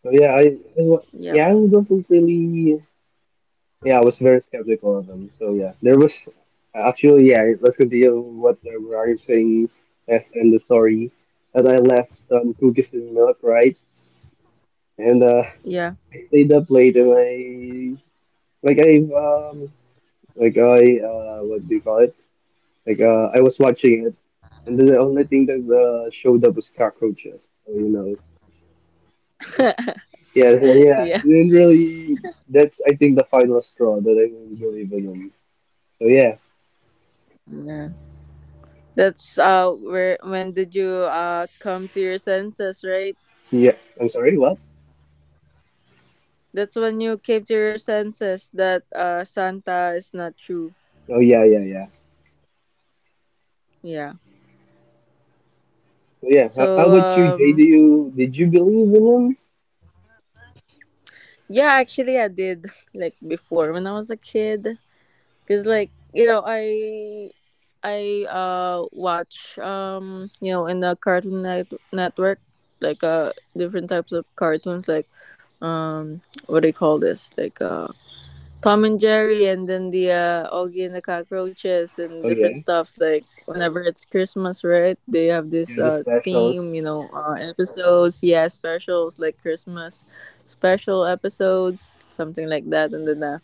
So yeah,
Yep.
yeah, I wasn't really yeah, I was very skeptical of them. So yeah, there was actually, yeah, let's continue what we were already saying, as in the story, that I left some cookies and milk, right? And
Yeah,
I stayed up late, and I like I like I what do you call it? Like I was watching it, and then the only thing that showed up was cockroaches. So you know. Yeah, so yeah,
yeah,
and really, that's I think the final straw that I will believe in. So yeah,
yeah. That's Where when did you come to your senses, right?
yeah. I'm sorry, what?
That's when you came to your senses that Santa is not true.
Oh yeah, yeah, yeah.
Yeah.
So yeah, how
So
about you, Jay? Do you Did you believe in him?
yeah, actually I did [laughs] like before when I was a kid cuz like, you know, I watch you know in the Cartoon Network like different types of cartoons like um what do you call this? Like Tom and Jerry, and then the Augie and the cockroaches and
Oh yeah,
different stuffs. Like whenever it's Christmas, right? They have this
yeah. The specials,
theme, you know, episodes. Yeah, specials like Christmas special episodes, something like that. And then,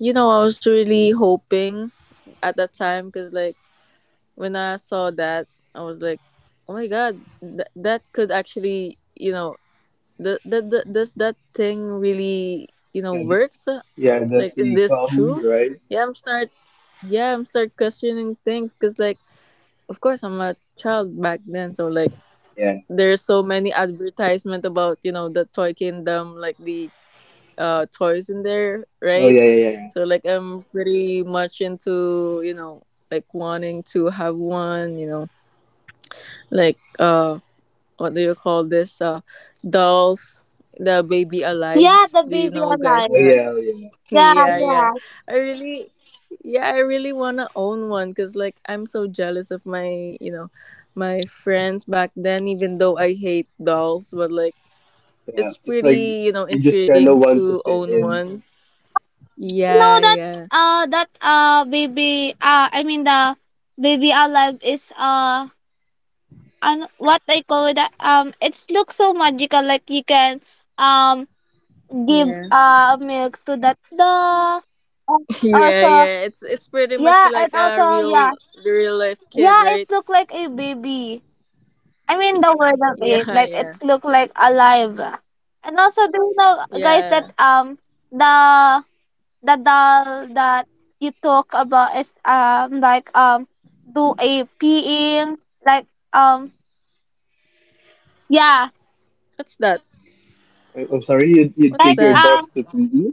you know, I was really hoping at that time because like when I saw that, I was like, oh my god, that could actually, you know, does that thing really, you know,
yeah,
works
yeah. Does
like is
he
this
come
true?
right?
Yeah i'm start yeah i'm start questioning things because like of course I'm a child back then, so like
Yeah.
there's so many advertisement about, you know, the toy kingdom like the toys in there,
Oh
right?
yeah, yeah, yeah.
So like I'm pretty much into, you know, like wanting to have one, you know, like what do you call this dolls, the baby
Yeah,
alives.
the
Do you
baby
know, guys,
Oh
alive.
that?
yeah, oh yeah.
[laughs]
Yeah,
Yeah, yeah.
yeah.
I really yeah i really want to own one because like I'm so jealous of, my you know, my friends back then even though I hate dolls, but like
Yeah.
it's
It's like
pretty, you know,
you just kind
intriguing
of want to
to
fit
own
in.
one.
No,
Yeah, yeah,
that baby I mean the baby alive is and what they call it, that it's looks so magical, like you can, um give
yeah.
milk to that the
[laughs]
uh,
Yeah,
also,
yeah. It's pretty much
yeah.
like a real real life kid,
Yeah,
right?
it's look like a baby. I mean the word
[laughs]
of it,
Yeah,
like it
yeah,
look like alive. And also, do you know, guys,
yeah.
that the the doll that you talk about is, like, do a peeing, like, um yeah,
What's that?
I'm sorry, you
What's
like,
take your
that?
dust to PE.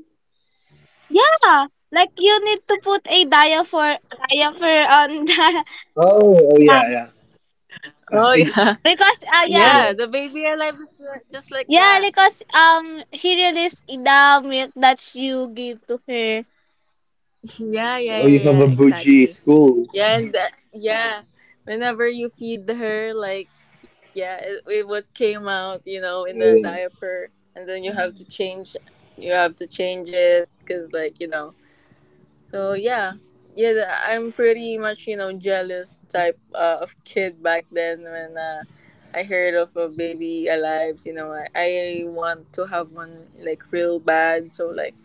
yeah, like, you need to put a diaper on the
Oh,
[laughs]
oh
yeah,
yeah, yeah.
Oh
[laughs] I,
yeah,
because
[laughs]
oh
yeah,
yeah.
yeah. The baby alive is just like
yeah,
that.
because she released the milk that you give to her.
[laughs] Yeah, yeah,
Oh, you
yeah,
have
yeah.
a bougie
Exactly.
school.
Yeah, and that, yeah. Whenever you feed her, like yeah, it what came out, you know, in
Oh
the
yeah.
diaper, and then you have to change. You have to change it because, like, you know. So yeah, yeah, I'm pretty much, you know, jealous type of kid back then when I heard of a baby alive. You know, I want to have one like real bad. So like.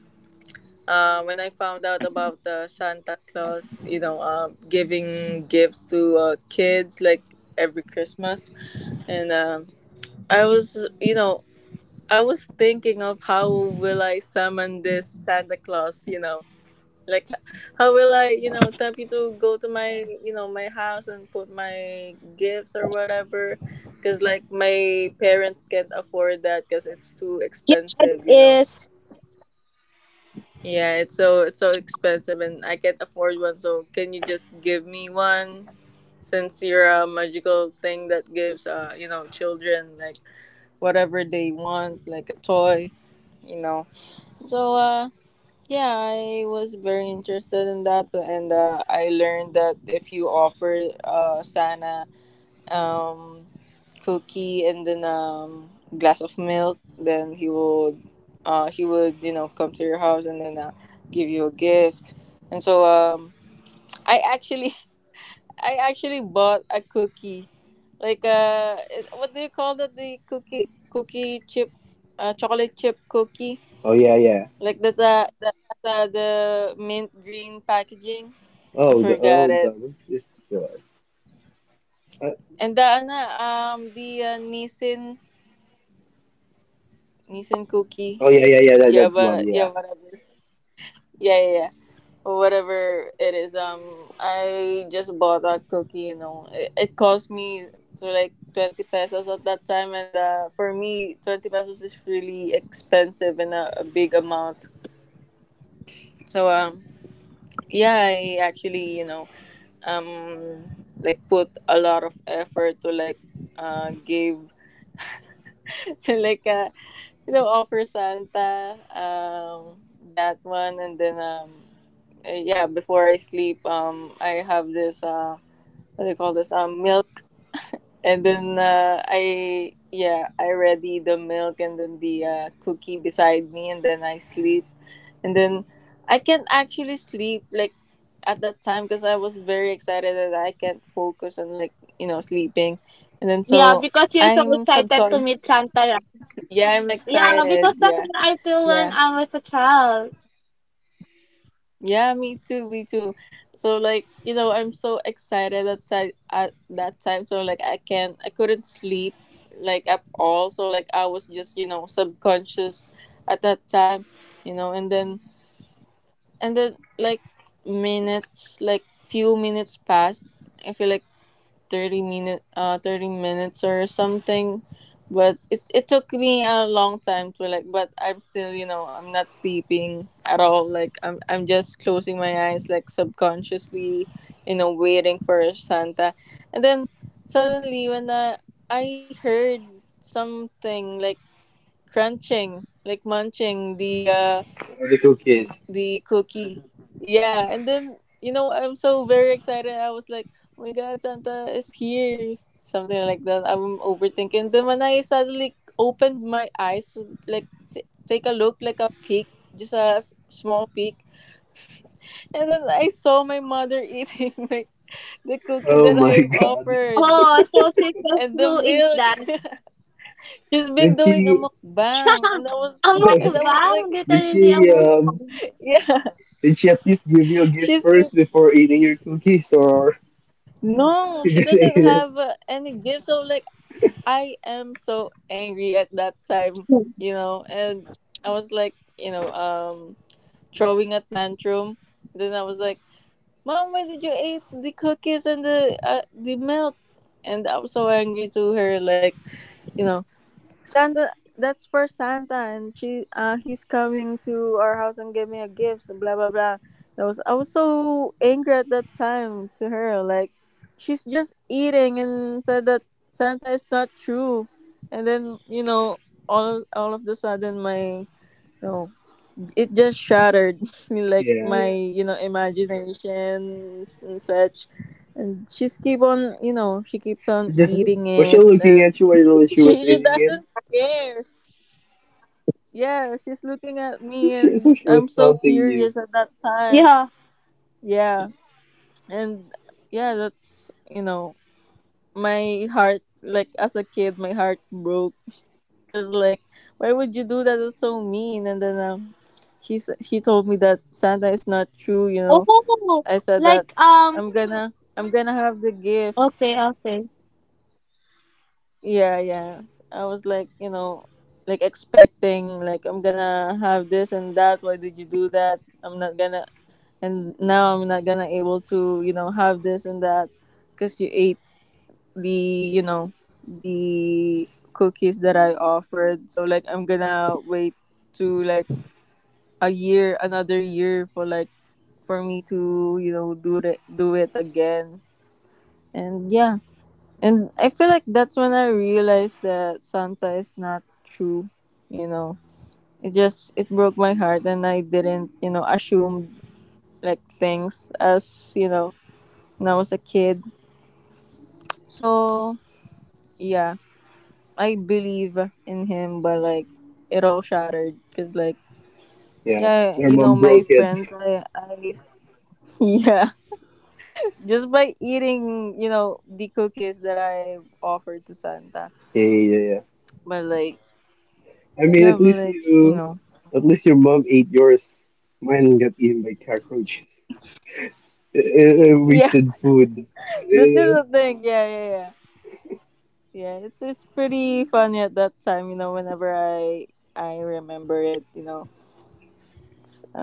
When I found out about the Santa Claus, you know, giving gifts to kids like every Christmas, and I was, you know, I was thinking of how will I summon this Santa Claus, you know, like, how will I, you know, tell you to go to my, you know, my house and put my gifts or whatever? Because, like, my parents can't afford that because it's too
Yeah, it
expensive, you know?
is.
Yeah, it's so expensive, and I can't afford one. So can you just give me one? Since you're a magical thing that gives, you know, children like whatever they want, like a toy, you know. So yeah, I was very interested in that, so, and I learned that if you offer Sana um, cookie and then glass of milk, then he would he would, you know, come to your house and then give you a gift. And so I actually [laughs] I actually bought a cookie, like what do you call that? The cookie chip, chocolate chip cookie.
Oh yeah, yeah.
Like that's a that has the mint green packaging. I
Oh the,
forgot
oh
it.
god, what is the uh,
And the ano, the Nissin
oh
cookie.
yeah, yeah, yeah, that
Yeah,
that
but
one,
yeah,
yeah.
whatever. Yeah, yeah, yeah. Or whatever it is. I just bought a cookie. You know, it cost me so like 20 pesos at that time, and for me, 20 pesos is really expensive and a big amount. So. Yeah, I actually, you know, um, like put a lot of effort to like give [laughs] to like you know offer Santa that one and then yeah before I sleep I have this what do you call this milk and then I yeah I ready the milk and then the cookie beside me and then I sleep and then I can't actually sleep like at that time because I was very excited that I can't focus on like you know sleeping, and then
Yeah,
so
because you're so
I'm
excited to
subcon.
meet Santa, right?
Yeah, I'm
Yeah,
excited.
because that's
Yeah,
what I feel when
yeah,
I was a child.
yeah. Me too. Me too. So like you know, I'm so excited at at that time. So like I can't. I couldn't sleep like at all. So like I was just you know subconscious at that time. You know, and then like minutes like few minutes passed, I feel like 30 minutes or something, but it took me a long time to like but I'm still, you know, I'm not sleeping at all like I'm just closing my eyes like subconsciously, you know, waiting for Santa, and then suddenly I heard something like crunching like munching
Oh, the cookies.
the cookie. Yeah, and then, you know, I'm so very excited. I was like, oh my God, Santa is here, something like that. I'm overthinking. Then when I suddenly opened my eyes to like take a look, like a peek, just a small peek, and then I saw my mother [laughs] eating my the cookie
Oh
that
my
I
[laughs] god.
offered
Oh, so
and the
successful is
milk.
that.
[laughs] She's been
Did
doing a
she
mukbang,
[laughs] Ang
and I
[laughs]
was
mukbang,
like,
did
literally ang
she um
mukbang.
[laughs] yeah,
did she at least give you a gift
she's
first
eating.
before eating your cookies, or
No,
[laughs] you
she
just ate
doesn't
it?
have any gift. So like I am so angry at that time, you know, and I was like, you know, throwing a tantrum. Then I was like, "Mom, why did you eat the cookies and the milk?" And I was so angry to her like, you know. Santa, that's for Santa, and she, he's coming to our house and give me a gift. So blah blah blah. I was so angry at that time to her. Like, she's just eating and said that Santa is not true. And then you know, all of the sudden, my no, it just shattered [laughs] like
Yeah,
my
yeah.
you know imagination and such. And she keeps
She
on
just
eating
Was she
it,
looking
and
at you
[laughs]
while she was
she doesn't
eating
care. Yeah, she's looking at me
it? So
and
she
I'm
was
so
taunting you.
furious at that time.
Yeah.
Yeah. And yeah, that's, you know, my heart like as a kid, my heart broke cuz like why would you do that? That's so mean. And then she told me that Santa is not true, you know.
Oh,
I said that
like,
I'm gonna have the gift.
okay, okay.
Yeah, yeah. I was like, you know, like expecting like I'm gonna have this and that. Why did you do that? I'm not gonna and now I'm not gonna able to you know have this and that because you ate the you know the cookies that I offered. So like I'm gonna wait to like a year, another year for like for me to you know do it again. And yeah, and I feel like that's when I realized that Santa is not true. You know, it just it broke my heart, and I didn't you know assume like things as you know when I was a kid. So yeah, I believe in him, but like it all shattered because like
Yeah.
yeah,
Your
you know
mom
my
broke it.
friends, I [laughs] yeah, just by eating you know the cookies that I offered to Santa,
Yeah, yeah, yeah.
but like
I mean,
yeah, but like you know
at least your mom ate yours. Mine got eaten by cockroaches. [laughs] I,
yeah,
wasted food. [laughs]
[laughs] that's just
Yeah.
the thing. Yeah, yeah, yeah. Yeah, it's pretty funny at that time, you know, whenever I remember it, you know,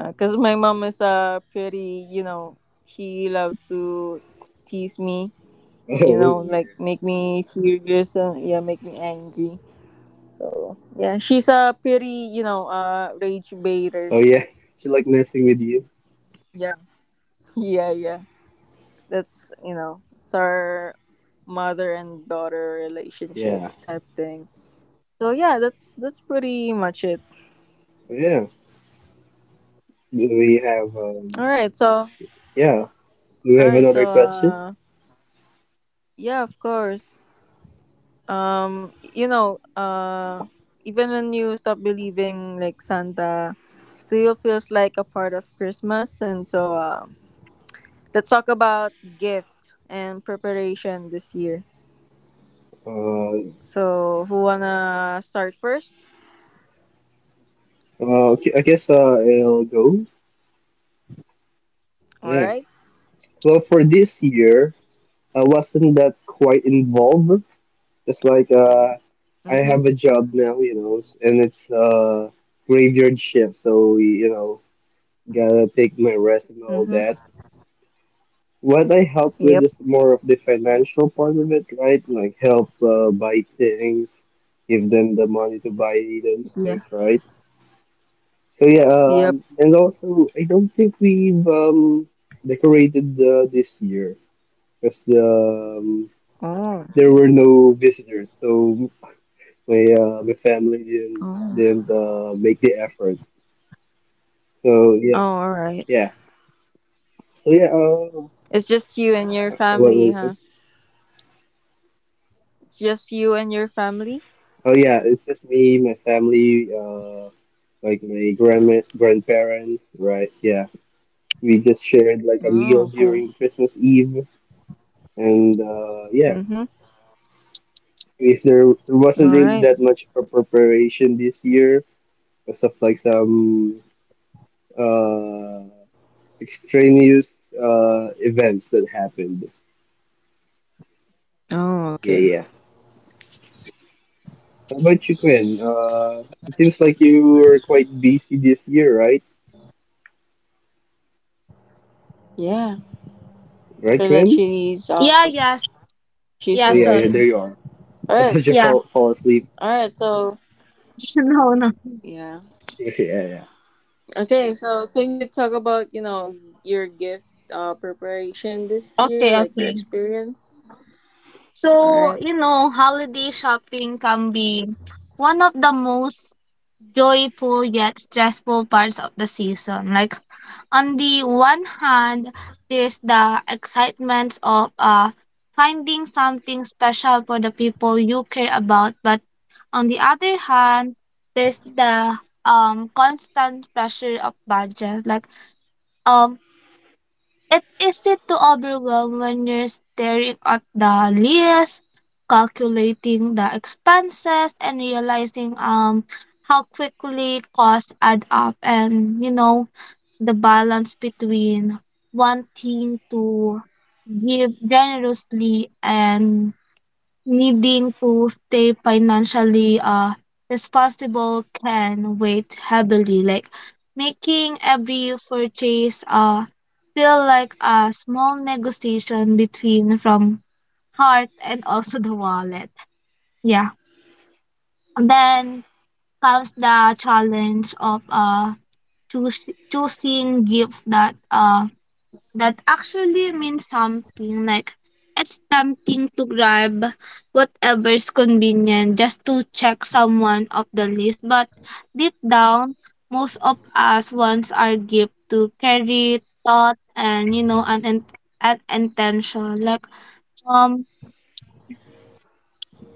because my mom is pretty, you know, she loves to tease me, you
Oh,
know, like
yeah.
make me furious and yeah make me angry. So yeah, she's a pretty, you know, rage baiter.
Oh yeah. She like messing with you.
Yeah. [laughs] Yeah, yeah, that's, you know, it's our mother and daughter relationship
Yeah.
type thing. So yeah, that's pretty much it.
Yeah. Do we have
All
um?
right, so
Yeah. Do we
all
have
right,
another
so
question?
yeah, of course, you know, even when you stop believing like Santa still feels like a part of Christmas, and so let's talk about gift and preparation this year.
Uh,
So who wanna start first?
okay, I guess I'll go.
All
Yeah.
right.
Well, for this year, I wasn't that quite involved. Just like I
Mm-hmm.
have a job now, you know, and it's graveyard shift, so you know, gotta take my rest and all
Mm-hmm.
that. What I help with
Yep.
is more of the financial part of it, right? Like help buy things, give them the money to buy those
Yeah.
things, right? So yeah,
Yep.
and also I don't think we've decorated this year, because
Oh,
there
okay.
were no visitors, so my family didn't
Oh.
didn't uh, make the effort. So
Oh.
yeah,
All right.
yeah. So yeah,
It's just you and your
what
family,
was it?
huh? It's just you and your family.
Oh yeah, it's just me, my family, like my grandma, grandparents, right? Yeah, we just shared like a meal
Oh, okay.
during Christmas Eve, and yeah,
Mm-hmm.
if there wasn't
All
really
right.
that much for preparation this year, because of like some uh extraneous events that happened.
Oh,
Yeah,
okay.
yeah. How about you, Quinn? It seems like you were quite busy this year, right?
Yeah.
Right,
So like
Quinn?
Yeah, yes.
she's
Oh
Yeah,
yeah,
been
yeah, there
sorry.
you are.
all
I
right
thought you
Yeah.
fall asleep. [laughs]
all right so
[laughs] No, no.
yeah.
Yeah, yeah.
Okay, so can you talk about, you know, your gift preparation this year,
Okay,
like your
okay.
experience? All
So,
right.
holiday shopping can be one of the most joyful yet stressful parts of the season. Like, on the one hand, there's the excitement of finding something special for the people you care about. But on the other hand, there's the constant pressure of budget. Like, um. it easy to overwhelm when you're staring at the list, calculating the expenses, and realizing how quickly costs add up. And the balance between wanting to give generously and needing to stay financially responsible can weigh heavily, like making every purchase feel like a small negotiation between from heart and also the wallet. Yeah. And then comes the challenge of choosing gifts that actually means something. Like, it's tempting to grab whatever's convenient just to check someone off the list, but deep down most of us wants our gift to carry thought and, an intention. Like, um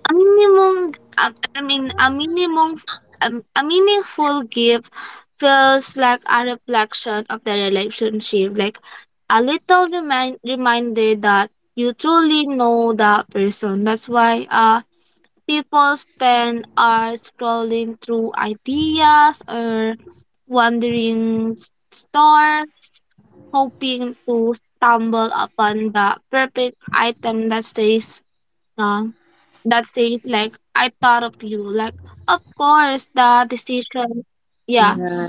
A minimum, I mean, a minimum, a meaningful gift feels like a reflection of the relationship, like a little reminder that you truly know that person. That's why people spend hours scrolling through ideas or wandering stores, hoping to stumble upon the perfect item that says, like, I thought of you. Like, of course, the decision yeah.
Yeah.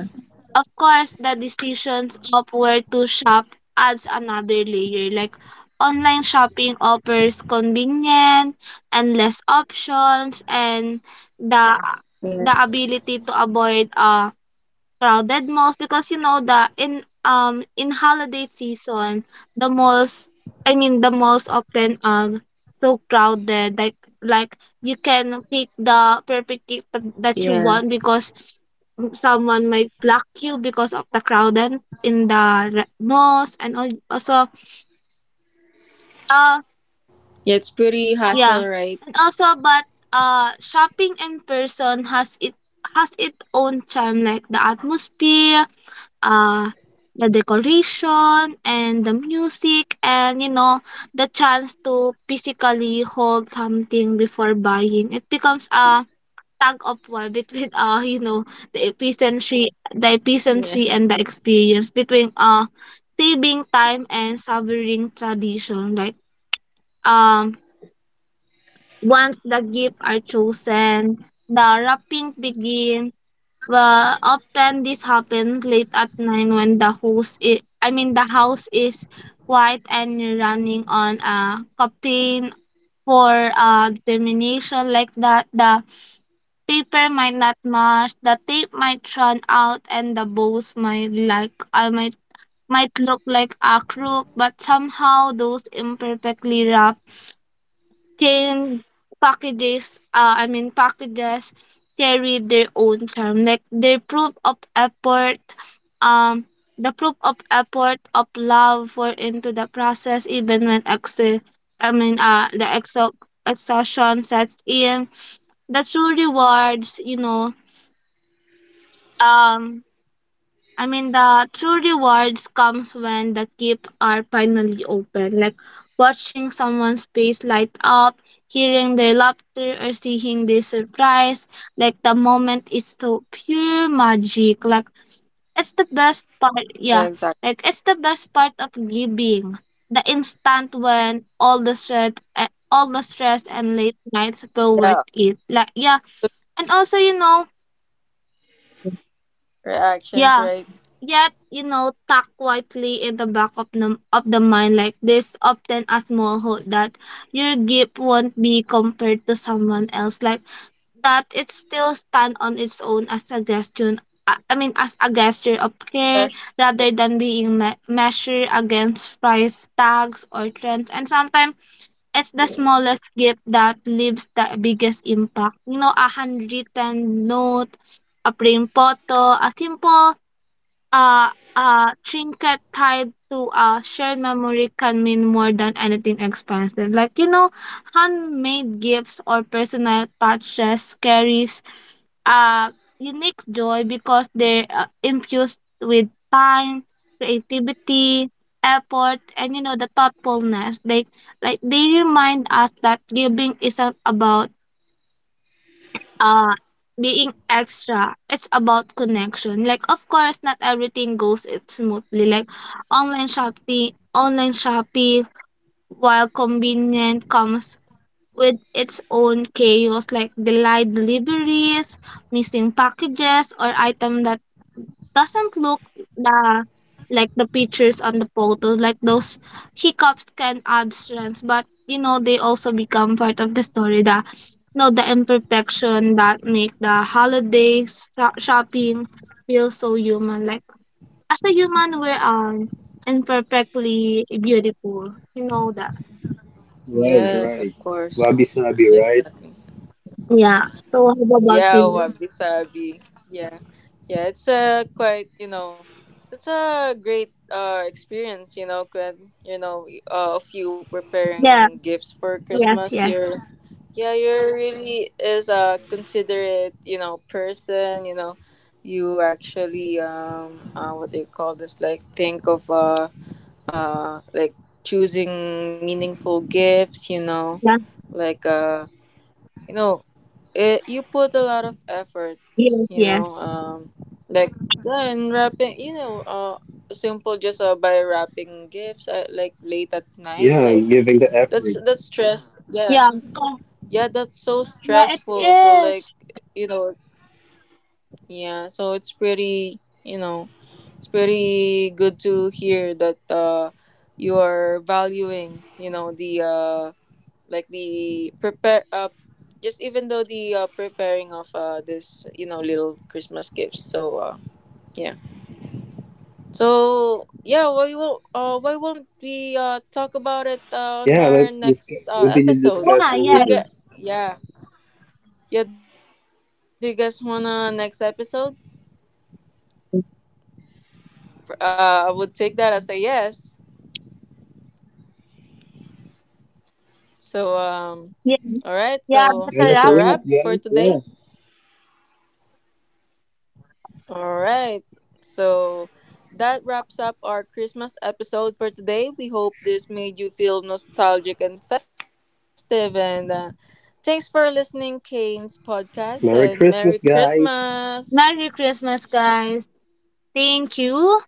Of course, the decisions of where to shop adds another layer. Like, online shopping offers convenient and less options, and the the
Yes.
ability to avoid crowded malls, because the in holiday season the malls I mean, the malls often are so crowded. Like, you can pick the perfect cake
Yeah.
that you want, because someone might block you because of the crowd, and in malls, and also, uh
Yeah, it's pretty hassle,
yeah.
right?
And also, but shopping in person has its own charm, like the atmosphere, uh the decoration and the music, and, the chance to physically hold something before buying. It becomes a tug of war [laughs] between, the
Yeah.
efficiency and the experience, between, saving time and savoring tradition, like, um once the gifts are chosen, the wrapping begins. Well, often this happens late at night when I mean, the house is quiet and you're running on a campaign for a determination like that. The paper might not match, the tape might run out, and the bows might, like, I might look like a crook, but somehow those imperfectly wrapped then I mean packages carry their own charm, like their proof of effort, um, the proof of effort of love for into the process, even when I mean, the exo exhaustion sets in. The true rewards, you know, um, I mean, the true rewards comes when the keep are finally open, like watching someone's face light up, hearing their laughter, or seeing their surprise. Like the moment is so pure magic. Like, it's the best part.
Yeah,
Yeah,
exactly.
like it's the best part of giving. The instant when all the stress and late nights feel
Yeah,
worth it. Like, yeah, and also,
reactions,
yeah.
right?
Yet, tucked quietly in the back of of the mind, like there's often a small hope that your gift won't be compared to someone else, like that it still stand on its own as a gesture. I mean, as a gesture of care
Special, right?
rather than being measured against price tags or trends. And sometimes it's the smallest gift that leaves the biggest impact. You know, a handwritten note, a plain photo, a a trinket tied to a shared memory can mean more than anything expensive. Like, handmade gifts or personal touches carries a unique joy because they're infused with time, creativity, effort, and, the thoughtfulness. Like they remind us that giving isn't about uh being extra. It's about connection. Like, of course, not everything goes it smoothly. Like online shopping online shopping, while convenient, comes with its own chaos, like delayed deliveries, missing packages, or item that doesn't look the like the pictures on the photo. Like, those hiccups can add strength, but they also become part of the story that, no, the imperfection that make the holiday shopping feel so human. Like, as a human, we're, imperfectly beautiful. You know that.
Right,
Yes, of
right.
course.
Wabi Sabi, right?
Exactly.
Yeah. So how about
Yeah,
you?
wabi sabi. Yeah, yeah. It's a quite, you know, it's a great experience. You know, when you know of you
Yeah.
preparing gifts for
Yes.
Christmas. You're
Yes.
yeah, you're really is a considerate, you know, person. You know, you actually what do you call this? Like think of like choosing meaningful gifts. You know,
Yeah.
like you know it you put a lot of effort,
Yes.
you know,
Yes.
like then wrapping, you know, simple just by wrapping gifts at like late at night
Yeah,
like
giving the effort.
that's stress. Yeah,
Yeah.
yeah, that's so
Yeah. It
stressful, so like
is.
you know. Yeah, so it's pretty, you know, it's pretty good to hear that you are valuing, you know, the like the prepare just even though the preparing of this, you know, little Christmas gifts. So yeah, so yeah, why won't we talk about it on
Yeah,
our
let's discuss,
next
continue the
episode?
Yeah.
discussion
Do you
later.
Yes.
get yeah yeah? Do you guys wanna next episode? I would take that as a yes. So,
Yeah.
all right.
Yeah. That's
Yeah,
So
a
that's a
wrap.
that's a
wrap,
wrap
guys.
for
Yeah.
today. All right. So that wraps up our Christmas episode for today. We hope this made you feel nostalgic and festive. And thanks for listening, Kane's podcast. And
Merry
Merry
Christmas, guys.
Christmas.
Merry Christmas, guys. Thank you.